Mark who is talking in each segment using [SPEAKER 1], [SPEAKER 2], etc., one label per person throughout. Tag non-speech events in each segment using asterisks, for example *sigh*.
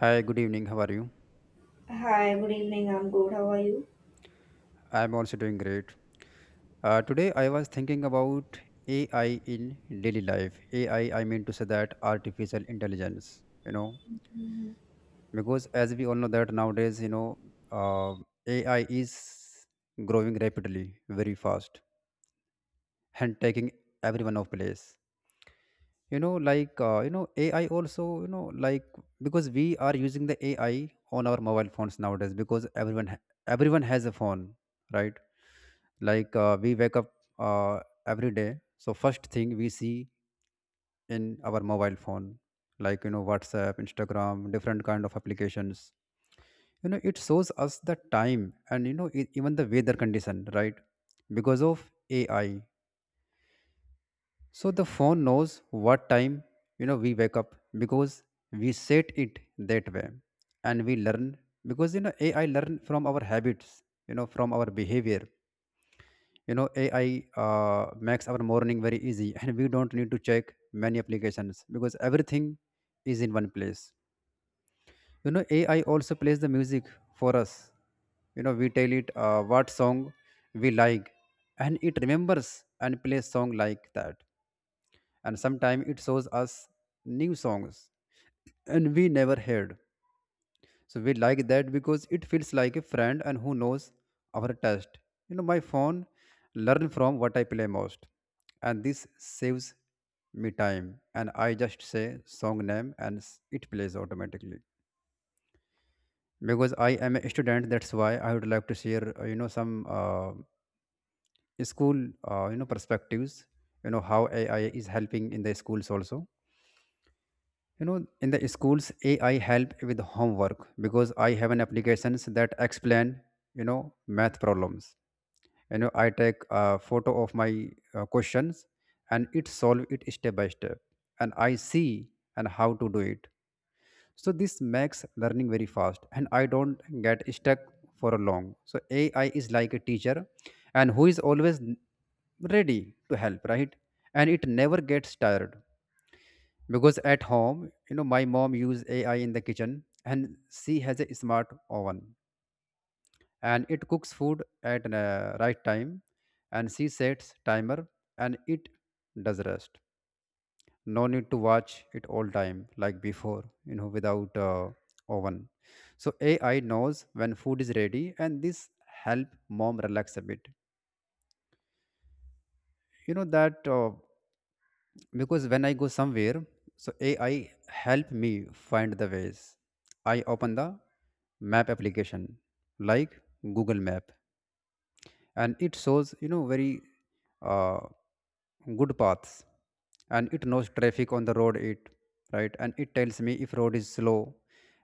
[SPEAKER 1] Hi, good evening. How are you?
[SPEAKER 2] Hi, good evening. I'm good. How are you?
[SPEAKER 1] I'm also doing great. Today, I was thinking about AI in daily life. AI, I mean to say that artificial intelligence,
[SPEAKER 2] Mhm.
[SPEAKER 1] because as we all know that nowadays, uh, AI is growing rapidly, very fast, and taking everyone of place. AI also, because we are using the AI on our mobile phones nowadays because everyone has a phone, right? Like we wake up uh, every day, so first thing we see in our mobile phone, like, you know, WhatsApp, Instagram, different kind of applications. You know, it shows us the time and, you know, even the weather condition, right? Because of AI, so the phone knows what time, you know, we wake up because we set it that way, and we learn because, you know, AI learn from our habits, you know, from our behavior. You know, AI uh, makes our morning very easy *laughs* and we don't need to check many applications because everything is in one place. You know, AI also plays the music for us. You know, we tell it what song we like, and it remembers and plays song like that. And sometimes it shows us new songs and we never heard, so we like that because it feels like a friend and who knows our taste. You know, my phone learn from what I play most, and this saves me time. And I just say song name and it plays automatically. Because I am a student, that's why I would like to share some school perspectives. You know how AI is helping in the schools also. You know, in the schools, AI help with homework because I have an applications that explain, you know, math problems. You know, I take a photo of my questions and it solve it step by step, and I see and how to do it. So this makes learning very fast and I don't get stuck for a long. So AI is like a teacher and who is always ready to help, right? And it never gets tired because at home, you know, my mom use AI in the kitchen, and she has a smart oven, and it cooks food at the right time. And she sets timer and it does rest. No need to watch it all time like before, you know, without oven. So AI knows when food is ready and this help mom relax a bit. You know that because when I go somewhere, so AI help me find the ways. I open the map application like Google Map, and it shows, you know, very uh, good paths. And it knows traffic on the road. It, right, and it tells me if road is slow,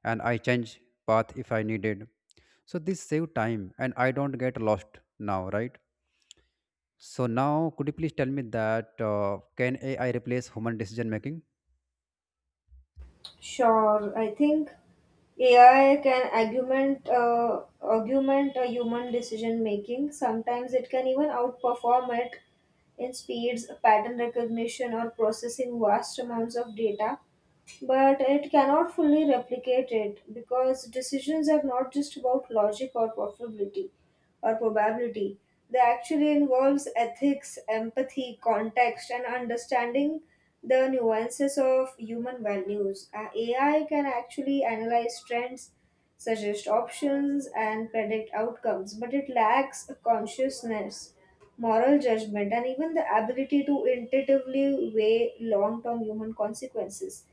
[SPEAKER 1] and I change path if I needed. So this save time and I don't get lost now, right? So now could you please tell me that can AI replace human decision making?
[SPEAKER 2] Sure. I think AI can augment a human decision making. Sometimes it can even outperform it in speeds, pattern recognition, or processing vast amounts of data. But it cannot fully replicate it because decisions are not just about logic or probability. They actually involves ethics, empathy, context, and understanding the nuances of human values. AI can actually analyze trends, suggest options, and predict outcomes, but it lacks a consciousness, moral judgment, and even the ability to intuitively weigh long-term human consequences.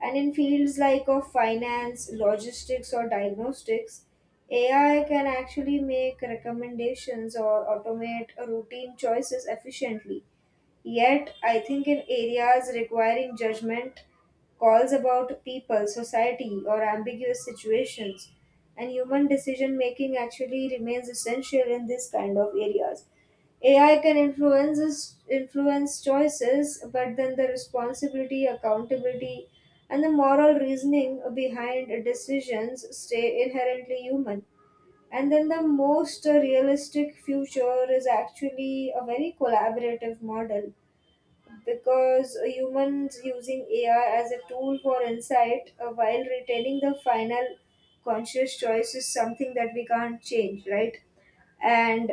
[SPEAKER 2] And in fields like of finance, logistics, or diagnostics, AI can actually make recommendations or automate routine choices efficiently. Yet, I think in areas requiring judgment, calls about people, society, or ambiguous situations, and human decision making actually remains essential in this kind of areas. AI can influence choices, but then the responsibility, accountability, and the moral reasoning behind decisions stay inherently human. And then the most realistic future is actually a very collaborative model, because humans using AI as a tool for insight while retaining the final conscious choice is something that we can't change, right? And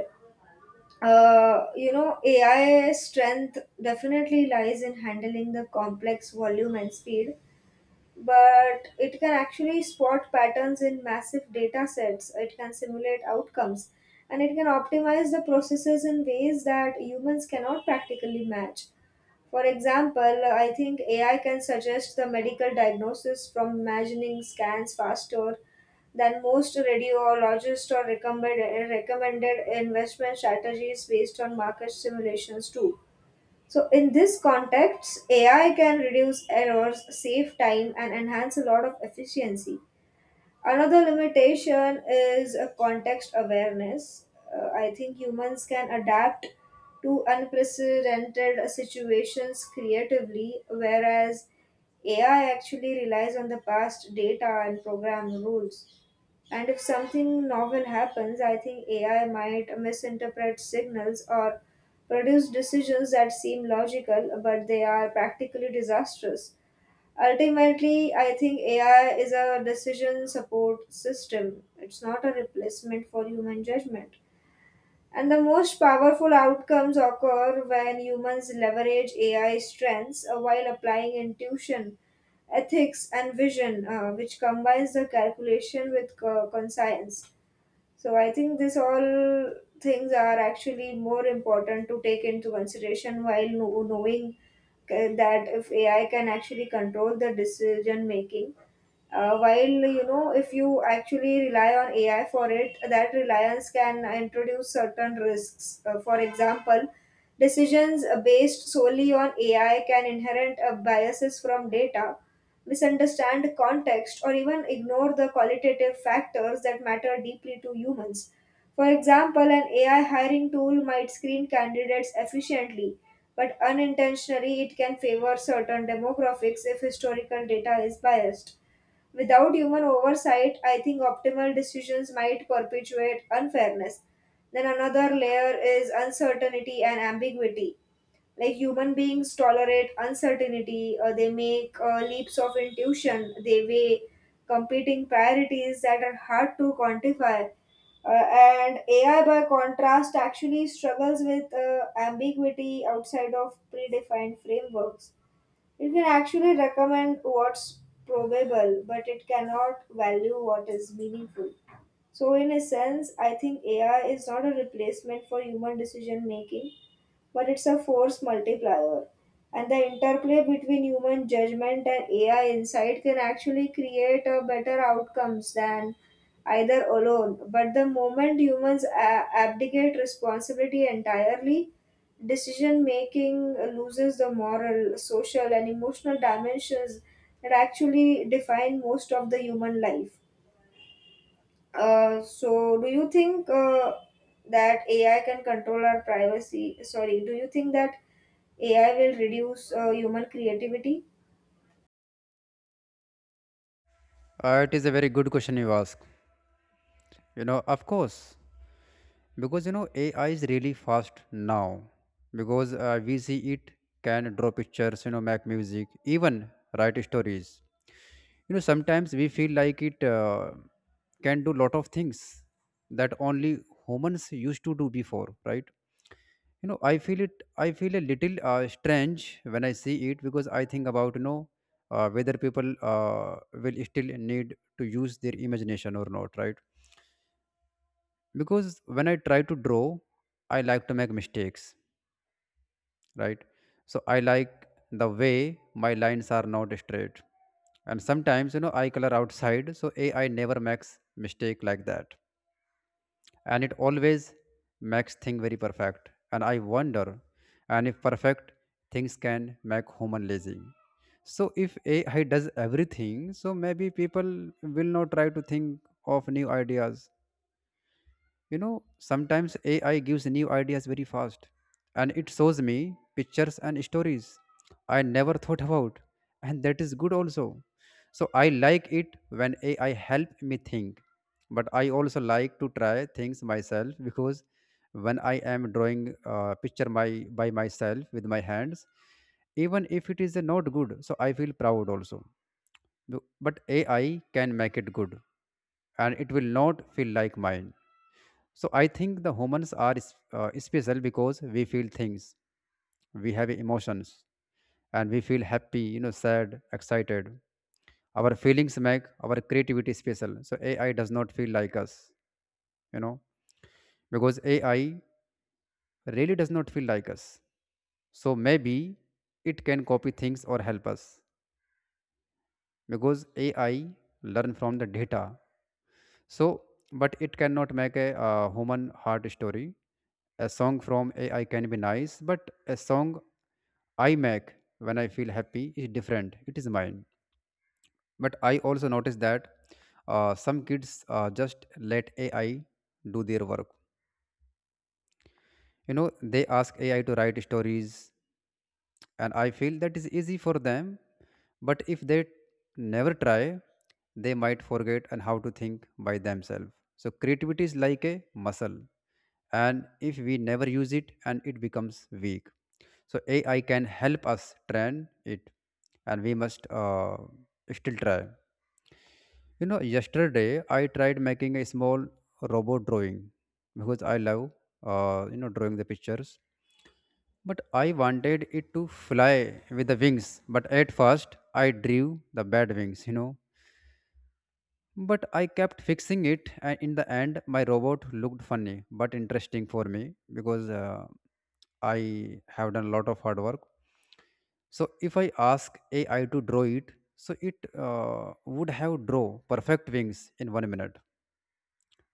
[SPEAKER 2] AI's strength definitely lies in handling the complex volume and speed, but it can actually spot patterns in massive data sets, it can simulate outcomes, and it can optimize the processes in ways that humans cannot practically match. For example, I think AI can suggest the medical diagnosis from imagining scans faster than most radiologists, or recommended investment strategies based on market simulations too. So, in this context, AI can reduce errors, save time, and enhance a lot of efficiency. Another limitation is a context awareness. I think humans can adapt to unprecedented situations creatively, whereas AI actually relies on the past data and program rules. And if something novel happens, I think AI might misinterpret signals or produce decisions that seem logical, but they are practically disastrous. Ultimately, I think AI is a decision support system. It's not a replacement for human judgment. And the most powerful outcomes occur when humans leverage AI strengths while applying intuition, ethics, and vision, which combines the calculation with conscience. So I think this all things are actually more important to take into consideration while knowing that if AI can actually control the decision making. While you know, if you actually rely on AI for it, that reliance can introduce certain risks. For example, decisions based solely on AI can inherit biases from data, misunderstand context, or even ignore the qualitative factors that matter deeply to humans. For example, an AI hiring tool might screen candidates efficiently, but unintentionally it can favor certain demographics if historical data is biased. Without human oversight, I think optimal decisions might perpetuate unfairness. Then another layer is uncertainty and ambiguity, like human beings tolerate uncertainty. They make leaps of intuition, they weigh competing priorities that are hard to quantify. And AI by contrast actually struggles with ambiguity outside of predefined frameworks. It can actually recommend what's probable, but it cannot value what is meaningful. So in a sense, I think AI is not a replacement for human decision making, but it's a force multiplier. And the interplay between human judgment and AI insight can actually create a better outcomes than either alone. But the moment humans abdicate responsibility entirely, decision making loses the moral, social, and emotional dimensions that actually define most of the human life. So do you think that AI can control our privacy? Sorry, do you think that AI will reduce human creativity?
[SPEAKER 1] It is a very good question you ask. You know, of course, because you know AI is really fast now because, we see it can draw pictures, you know, make music, even write stories. You know, sometimes we feel like it can do lot of things that only humans used to do before, right? You know, I feel it, I feel a little strange when I see it because I think about, you know, whether people will still need to use their imagination or not, right? Because when I try to draw, I like to make mistakes, right? So I like the way my lines are not straight, and sometimes, you know, I color outside. So AI never makes mistake like that, and it always makes thing very perfect. And I wonder and if perfect things can make human lazy. So if AI does everything, so maybe people will not try to think of new ideas. You know, sometimes AI gives new ideas very fast, and it shows me pictures and stories I never thought about, and that is good also. So I like it when AI help me think, but I also like to try things myself because when I am drawing a picture, my by myself with my hands, even if it is not good, so I feel proud also. But AI can make it good, and it will not feel like mine. So I think the humans are special because we feel things, we have emotions, and we feel happy, you know, sad, excited. Our feelings make our creativity special. So AI does not feel like us, you know, because AI really does not feel like us. So maybe it can copy things or help us because AI learn from the data. So, but it cannot make a human heart story. A song from AI can be nice, but a song I make when I feel happy is different. It is mine. But I also notice that some kids just let AI do their work. You know, they ask AI to write stories, and I feel that is easy for them. But if they never try, they might forget and how to think by themselves. So creativity is like a muscle, and if we never use it and it becomes weak. So AI can help us train it, and we must still try. You know, yesterday I tried making a small robot drawing because I love drawing the pictures. But I wanted it to fly with the wings. But at first, I drew the bad wings, you know. But I kept fixing it, and in the end, my robot looked funny but interesting for me because I have done a lot of hard work. So if I ask AI to draw it, so it would have draw perfect wings in 1 minute,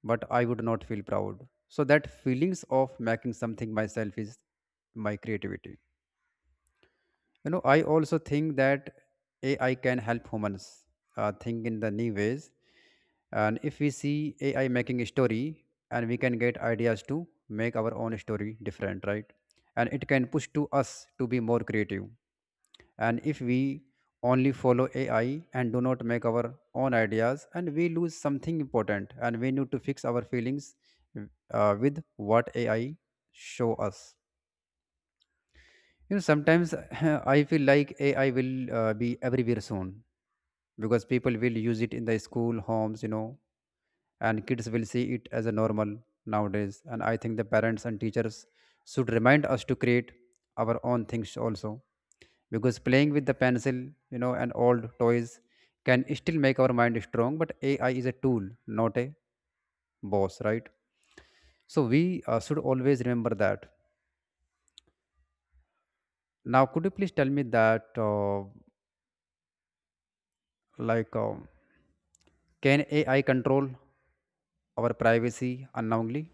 [SPEAKER 1] but I would not feel proud. So that feelings of making something myself is my creativity. You know, I also think that AI can help humans think in the new ways. And if we see AI making a story, and we can get ideas to make our own story different, right? And it can push to us to be more creative. And if we only follow AI and do not make our own ideas, and we lose something important, and we need to fix our feelings with what AI show us. You know, sometimes *laughs* I feel like AI will be everywhere soon because people will use it in the school, homes, you know, and kids will see it as a normal nowadays. And I think the parents and teachers should remind us to create our own things also, because playing with the pencil, you know, and old toys can still make our mind strong. But AI is a tool, not a boss, right? So we should always remember that. Now, could you please tell me that? Like, can AI control our privacy unknowingly?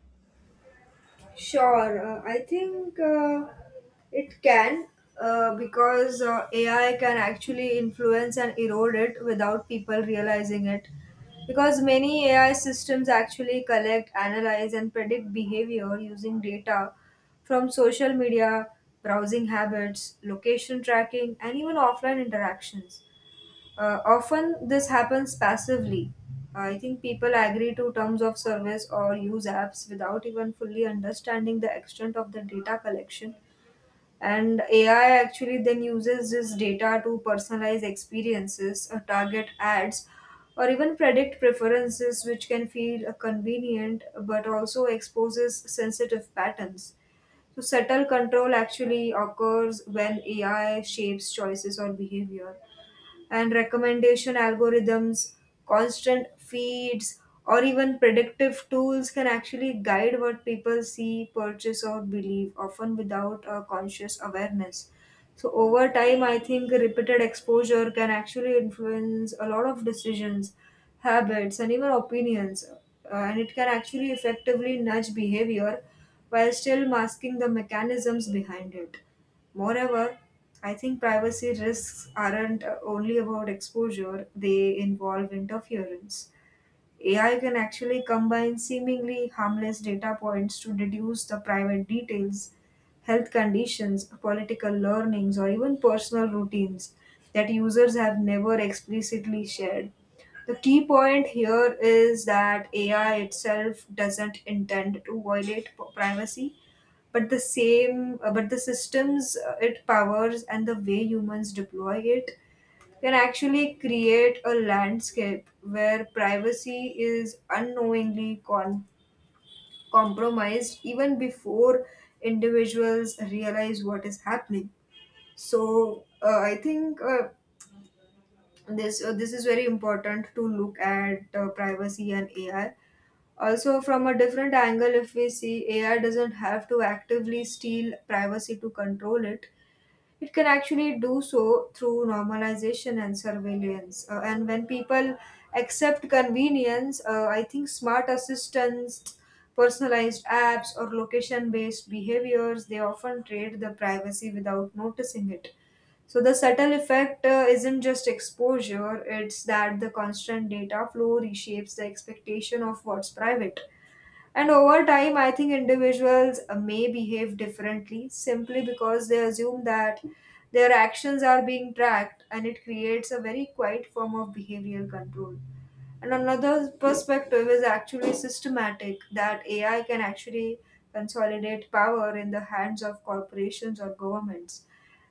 [SPEAKER 2] Sure, I think it can, because AI can actually influence and erode it without people realizing it. Because many AI systems actually collect, analyze, and predict behavior using data from social media, browsing habits, location tracking, and even offline interactions. Often this happens passively. I think people agree to terms of service or use apps without even fully understanding the extent of the data collection. And AI actually then uses this data to personalize experiences, target ads, or even predict preferences, which can feel convenient, but also exposes sensitive patterns. So, subtle control actually occurs when AI shapes choices or behavior, and recommendation algorithms, constant feeds, or even predictive tools can actually guide what people see, purchase, or believe, often without a conscious awareness. So, over time, I think repeated exposure can actually influence a lot of decisions, habits, and even opinions, and it can actually effectively nudge behavior while still masking the mechanisms behind it. Moreover, I think privacy risks aren't only about exposure, they involve interference. AI can actually combine seemingly harmless data points to deduce the private details, health conditions, political learnings, or even personal routines that users have never explicitly shared. The key point here is that AI itself doesn't intend to violate privacy, but the systems it powers and the way humans deploy it can actually create a landscape where privacy is unknowingly compromised, even before individuals realize what is happening. So I think this is very important to look at, privacy and AI, also from a different angle. If we see AI doesn't have to actively steal privacy to control it, it can actually do so through normalization and surveillance. And when people accept convenience, I think smart assistants, personalized apps, or location based behaviors, they often trade the privacy without noticing it. So the subtle effect isn't just exposure, it's that the constant data flow reshapes the expectation of what's private. And over time, I think individuals may behave differently simply because they assume that their actions are being tracked, and it creates a very quiet form of behavioral control. And another perspective is actually systematic, that AI can actually consolidate power in the hands of corporations or governments.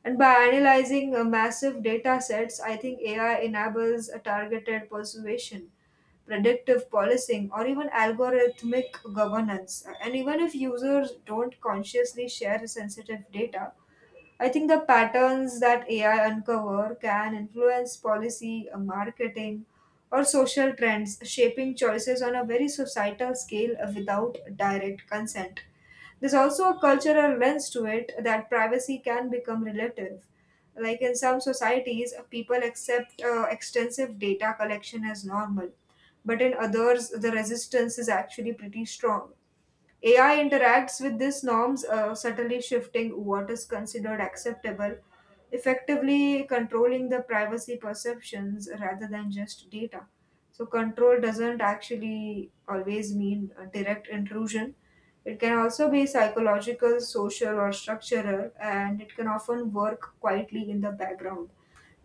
[SPEAKER 2] And by analyzing massive data sets, I think AI enables a targeted persuasion, predictive policing, or even algorithmic governance. And even if users don't consciously share sensitive data, I think the patterns that AI uncover can influence policy, marketing, or social trends, shaping choices on a very societal scale without direct consent. There's also a cultural lens to it, that privacy can become relative. Like in some societies, people accept extensive data collection as normal, but in others, the resistance is actually pretty strong. AI interacts with these norms, subtly shifting what is considered acceptable, effectively controlling the privacy perceptions rather than just data. So, control doesn't actually always mean a direct intrusion. It can also be psychological, social, or structural, and it can often work quietly in the background.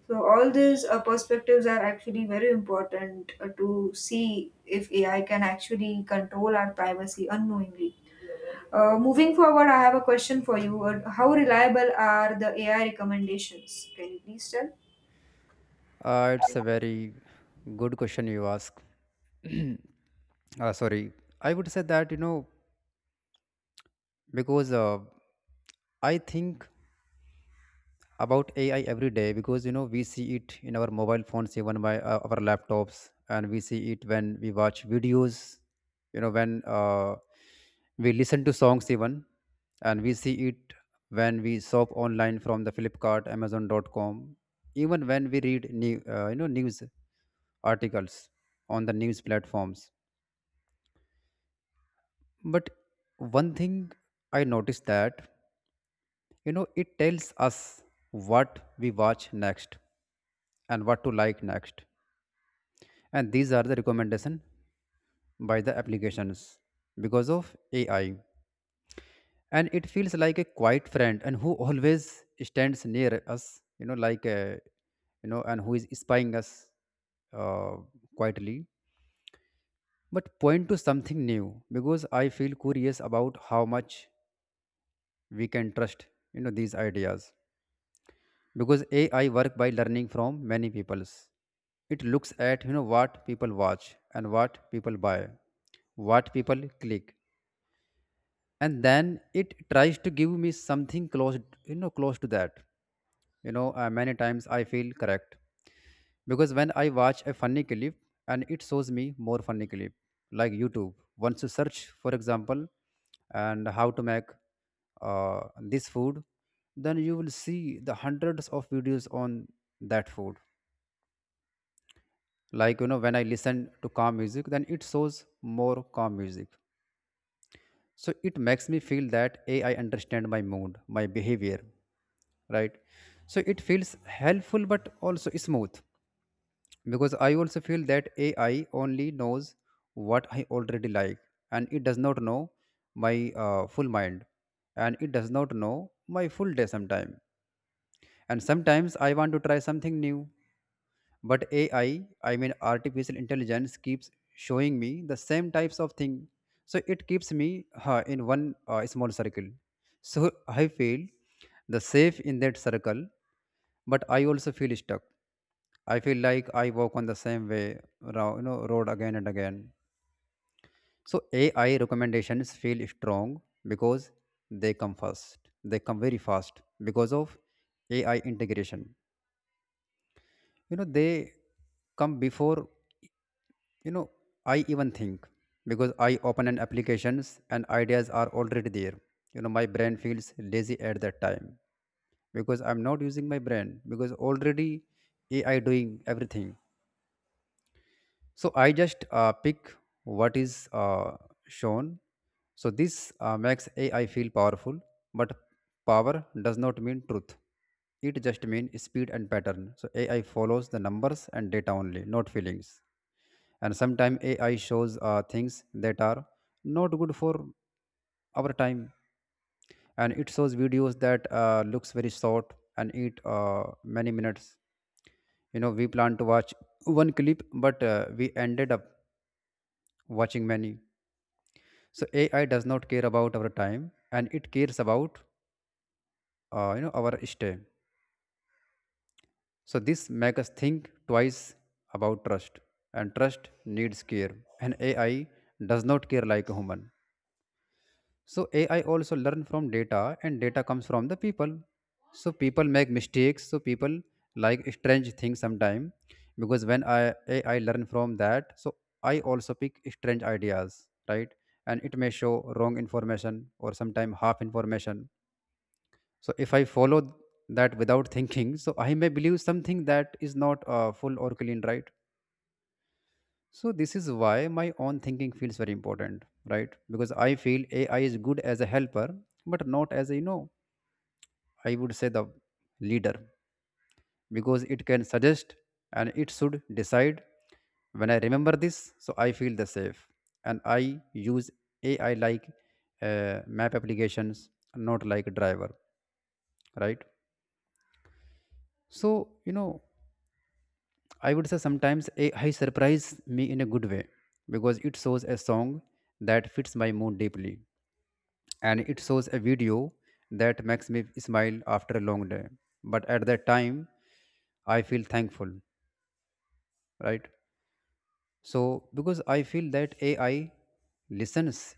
[SPEAKER 2] So, all these perspectives are actually very important to see if AI can actually control our privacy unknowingly. Moving forward, I have a question for you. How reliable are the AI recommendations? Can you please tell?
[SPEAKER 1] It's a very good question you ask. *clears throat* Sorry, I would say that, you know, because I think about AI every day because, you know, we see it in our mobile phones, even by our laptops, and we see it when we watch videos, you know, when we listen to songs, even, and we see it when we shop online from the Flipkart, Amazon.com, even when we read news articles on the news platforms. But one thing I noticed that, you know, it tells us what we watch next and what to like next. And these are the recommendation by the applications because of AI. And it feels like a quiet friend and who always stands near us, you know, like a, you know, and who is spying us uh, quietly. But point to something new because I feel curious about how much we can trust, you know, these ideas because AI work by learning from many people's. It looks at what people watch and what people buy, what people click, and then it tries to give me something close to that. Many times I feel correct, because when I watch a funny clip and it shows me more funny clip, like YouTube. Once you search, for example, and how to make uh, this food, then you will see the hundreds of videos on that food. Like, when I listen to calm music, then it shows more calm music. So it makes me feel that AI understand my mood, my behavior, right? So it feels helpful but also smooth, because I also feel that AI only knows what I already like, and it does not know my full mind, and it does not know my full day sometime. And sometimes I want to try something new, but AI, I mean artificial intelligence, keeps showing me the same types of thing. So it keeps me in one small circle. So I feel the safe in that circle, but I also feel stuck. I feel like I walk on the same way, road again and again. So AI recommendations feel strong because they come first. They come very fast because of AI integration. You know, they come before You know, I even think, because I open an applications and ideas are already there. You know, my brain feels lazy at that time, because I'm not using my brain because already AI doing everything. So I just pick what is shown. So this makes AI feel powerful, but power does not mean truth. It just means speed and pattern. So AI follows the numbers and data only, not feelings. And sometimes AI shows things that are not good for our time, and it shows videos that looks very short and eat many minutes. You know, we plan to watch one clip, but we ended up watching many. So AI does not care about our time, and it cares about our stay. So this makes us think twice about trust, and trust needs care, and AI does not care like a human. So AI also learn from data, and data comes from the people. So people make mistakes. So people like strange things sometime, because when I AI learn from that, so I also pick strange ideas, right? And it may show wrong information or sometime half information. So if I follow that without thinking, so I may believe something that is not full or clean, right? So this is why my own thinking feels very important, right? Because I feel AI is good as a helper, but not as a, I would say, the leader, because it can suggest and it should decide. When I remember this, so I feel the safe, and I use AI like map applications, not like a driver, right? So, you know, I would say sometimes AI surprise me in a good way, because it shows a song that fits my mood deeply and it shows a video that makes me smile after a long day. But at that time, I feel thankful, right? So, because I feel that AI listens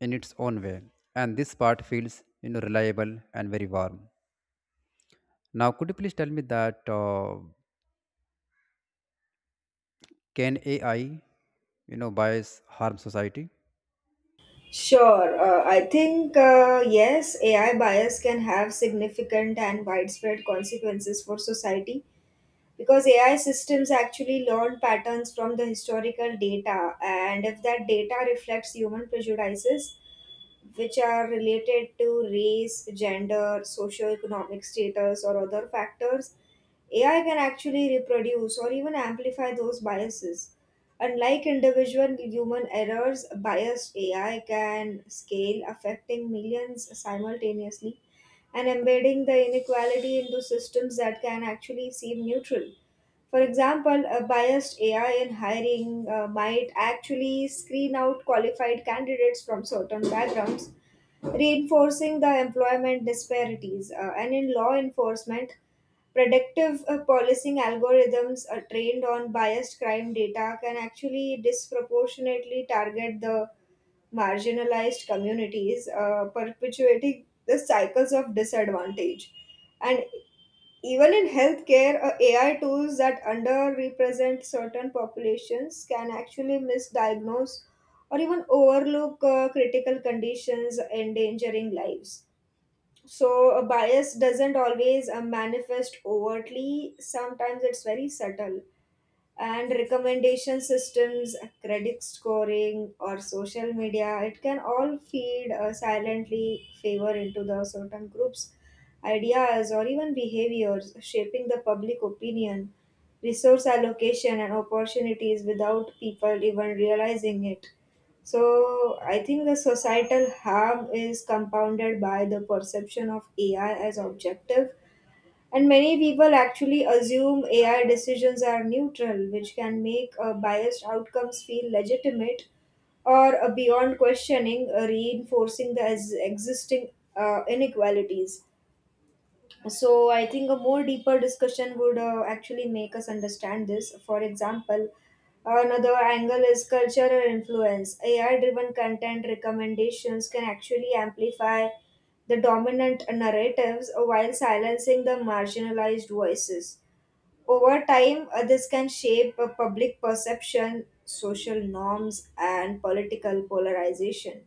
[SPEAKER 1] in its own way, and this part feels reliable and very warm. Now, could you please tell me that, can AI, you know, bias harm society?
[SPEAKER 2] Sure. I think, yes, AI bias can have significant and widespread consequences for society, because AI systems actually learn patterns from the historical data, and if that data reflects human prejudices, which are related to race, gender, socioeconomic status, or other factors, AI can actually reproduce or even amplify those biases. Unlike individual human errors, biased AI can scale, affecting millions simultaneously and embedding the inequality into systems that can actually seem neutral. For example, a biased AI in hiring might actually screen out qualified candidates from certain backgrounds, reinforcing the employment disparities. And in law enforcement, predictive policing algorithms trained on biased crime data can actually disproportionately target the marginalized communities, perpetuating the cycles of disadvantage. And even in healthcare, AI tools that underrepresent certain populations can actually misdiagnose or even overlook critical conditions, endangering lives. So a bias doesn't always manifest overtly. Sometimes it's very subtle, and recommendation systems, credit scoring, or social media, it can all feed silently favor into the certain groups, ideas, or even behaviors, shaping the public opinion, resource allocation, and opportunities without people even realizing it. So I think the societal harm is compounded by the perception of AI as objective, and many people actually assume AI decisions are neutral, which can make biased outcomes feel legitimate, or beyond questioning, reinforcing the existing inequalities. So I think a more deeper discussion would actually make us understand this. For example, another angle is cultural influence. AI-driven content recommendations can actually amplify the dominant narratives while silencing the marginalized voices. Over time, this can shape public perception, social norms, and political polarization.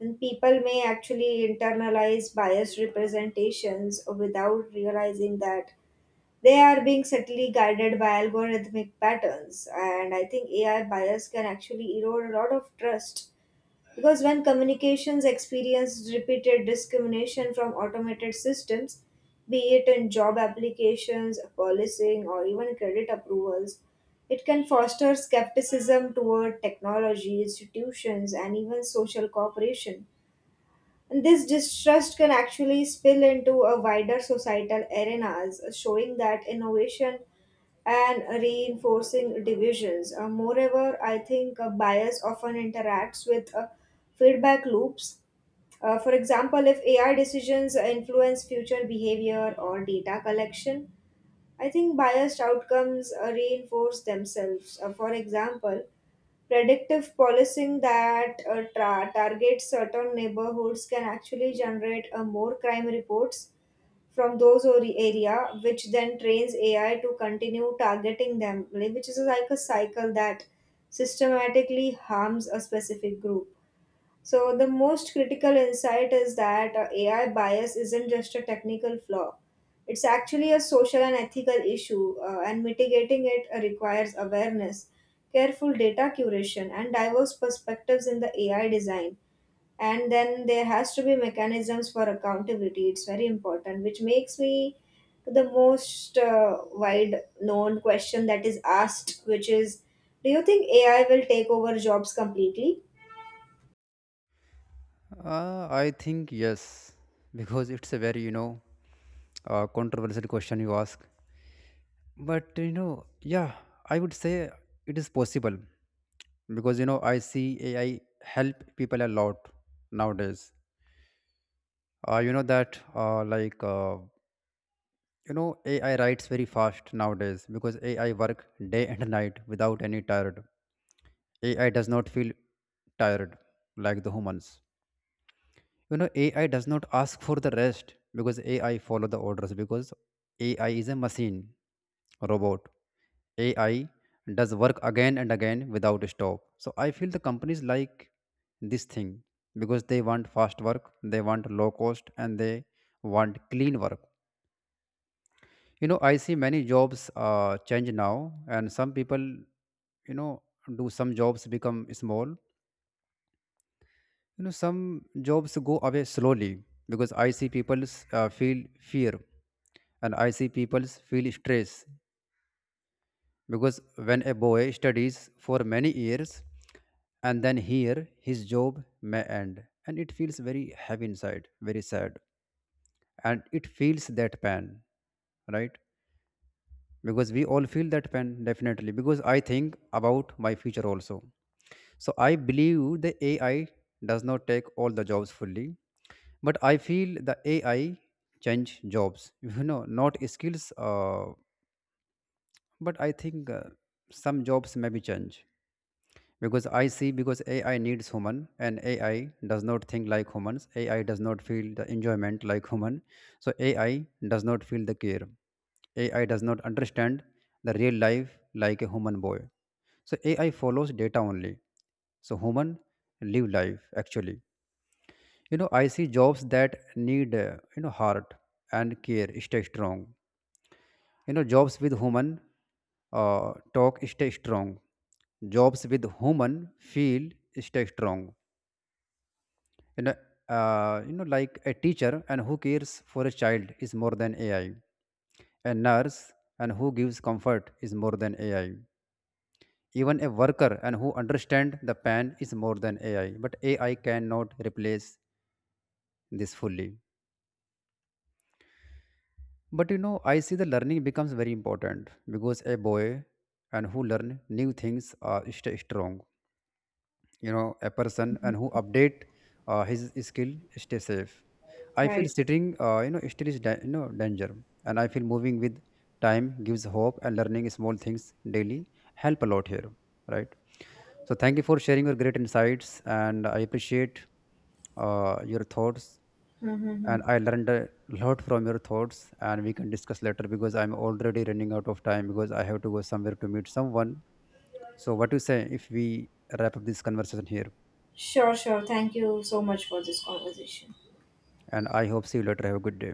[SPEAKER 2] And people may actually internalize biased representations without realizing that they are being subtly guided by algorithmic patterns. And I think AI bias can actually erode a lot of trust, because when communications experience repeated discrimination from automated systems, be it in job applications, policing, or even credit approvals, it can foster skepticism toward technology, institutions, and even social cooperation. And this distrust can actually spill into a wider societal arenas, showing that innovation and reinforcing divisions. Moreover, I think bias often interacts with feedback loops. For example, if AI decisions influence future behavior or data collection, I think biased outcomes reinforce themselves. For example, predictive policing that targets certain neighborhoods can actually generate more crime reports from those area, which then trains AI to continue targeting them, like, which is like a cycle that systematically harms a specific group. So, the most critical insight is that AI bias isn't just a technical flaw. It's actually a social and ethical issue, and mitigating it requires awareness, careful data curation, and diverse perspectives in the AI design. And then there has to be mechanisms for accountability. It's very important, which makes me to the most wide known question that is asked, which is, do you think AI will take over jobs completely?
[SPEAKER 1] I think yes, because it's a very controversial question you ask. But, you know, yeah, I would say it is possible, because, you know, I see AI help people a lot nowadays. You know that AI writes very fast nowadays, because AI work day and night without any tired. AI does not feel tired like the humans. You know AI does not ask for the rest, because AI follow the orders, because AI is a machine, robot. AI does work again and again without stop. So I feel the companies like this thing because they want fast work, they want low cost, and they want clean work. You know, I see many jobs change now, and some people, you know, do some jobs become small. You know, some jobs go away slowly, because I see people feel fear, and I see people feel stress, because when a boy studies for many years and then here his job may end, and it feels very heavy inside, very sad, and it feels that pain, right? Because we all feel that pain definitely, because I think about my future also. So I believe the AI does not take all the jobs fully, but I feel the AI change jobs *laughs* you know, not skills, but I think some jobs may be change, because I see because AI needs human, and AI does not think like humans. AI does not feel the enjoyment like human, so AI does not feel the care. AI does not understand the real life like a human boy. So AI follows data only, so human live life actually. You know, I see jobs that need, heart and care stay strong. You know, jobs with human talk stay strong. Jobs with human feel stay strong. You know, you know, like a teacher and who cares for a child is more than AI. A nurse and who gives comfort is more than AI. Even a worker and who understand the pain is more than AI, but AI cannot replace this fully. But, you know, I see the learning becomes very important, because a boy and who learn new things are stay strong. You know, a person and who update his skill stay safe. I feel
[SPEAKER 2] Right.
[SPEAKER 1] sitting, you know, still is danger. And I feel moving with time gives hope, and learning small things daily help a lot here, right? So thank you for sharing your great insights, and I appreciate your thoughts,
[SPEAKER 2] Mm-hmm.
[SPEAKER 1] and I learned a lot from your thoughts, and we can discuss later, because I'm already running out of time, because I have to go somewhere to meet someone. So what do you say if we wrap up this conversation here?
[SPEAKER 2] Sure, sure. Thank you so much for this conversation.
[SPEAKER 1] And I hope see you later. Have a good day.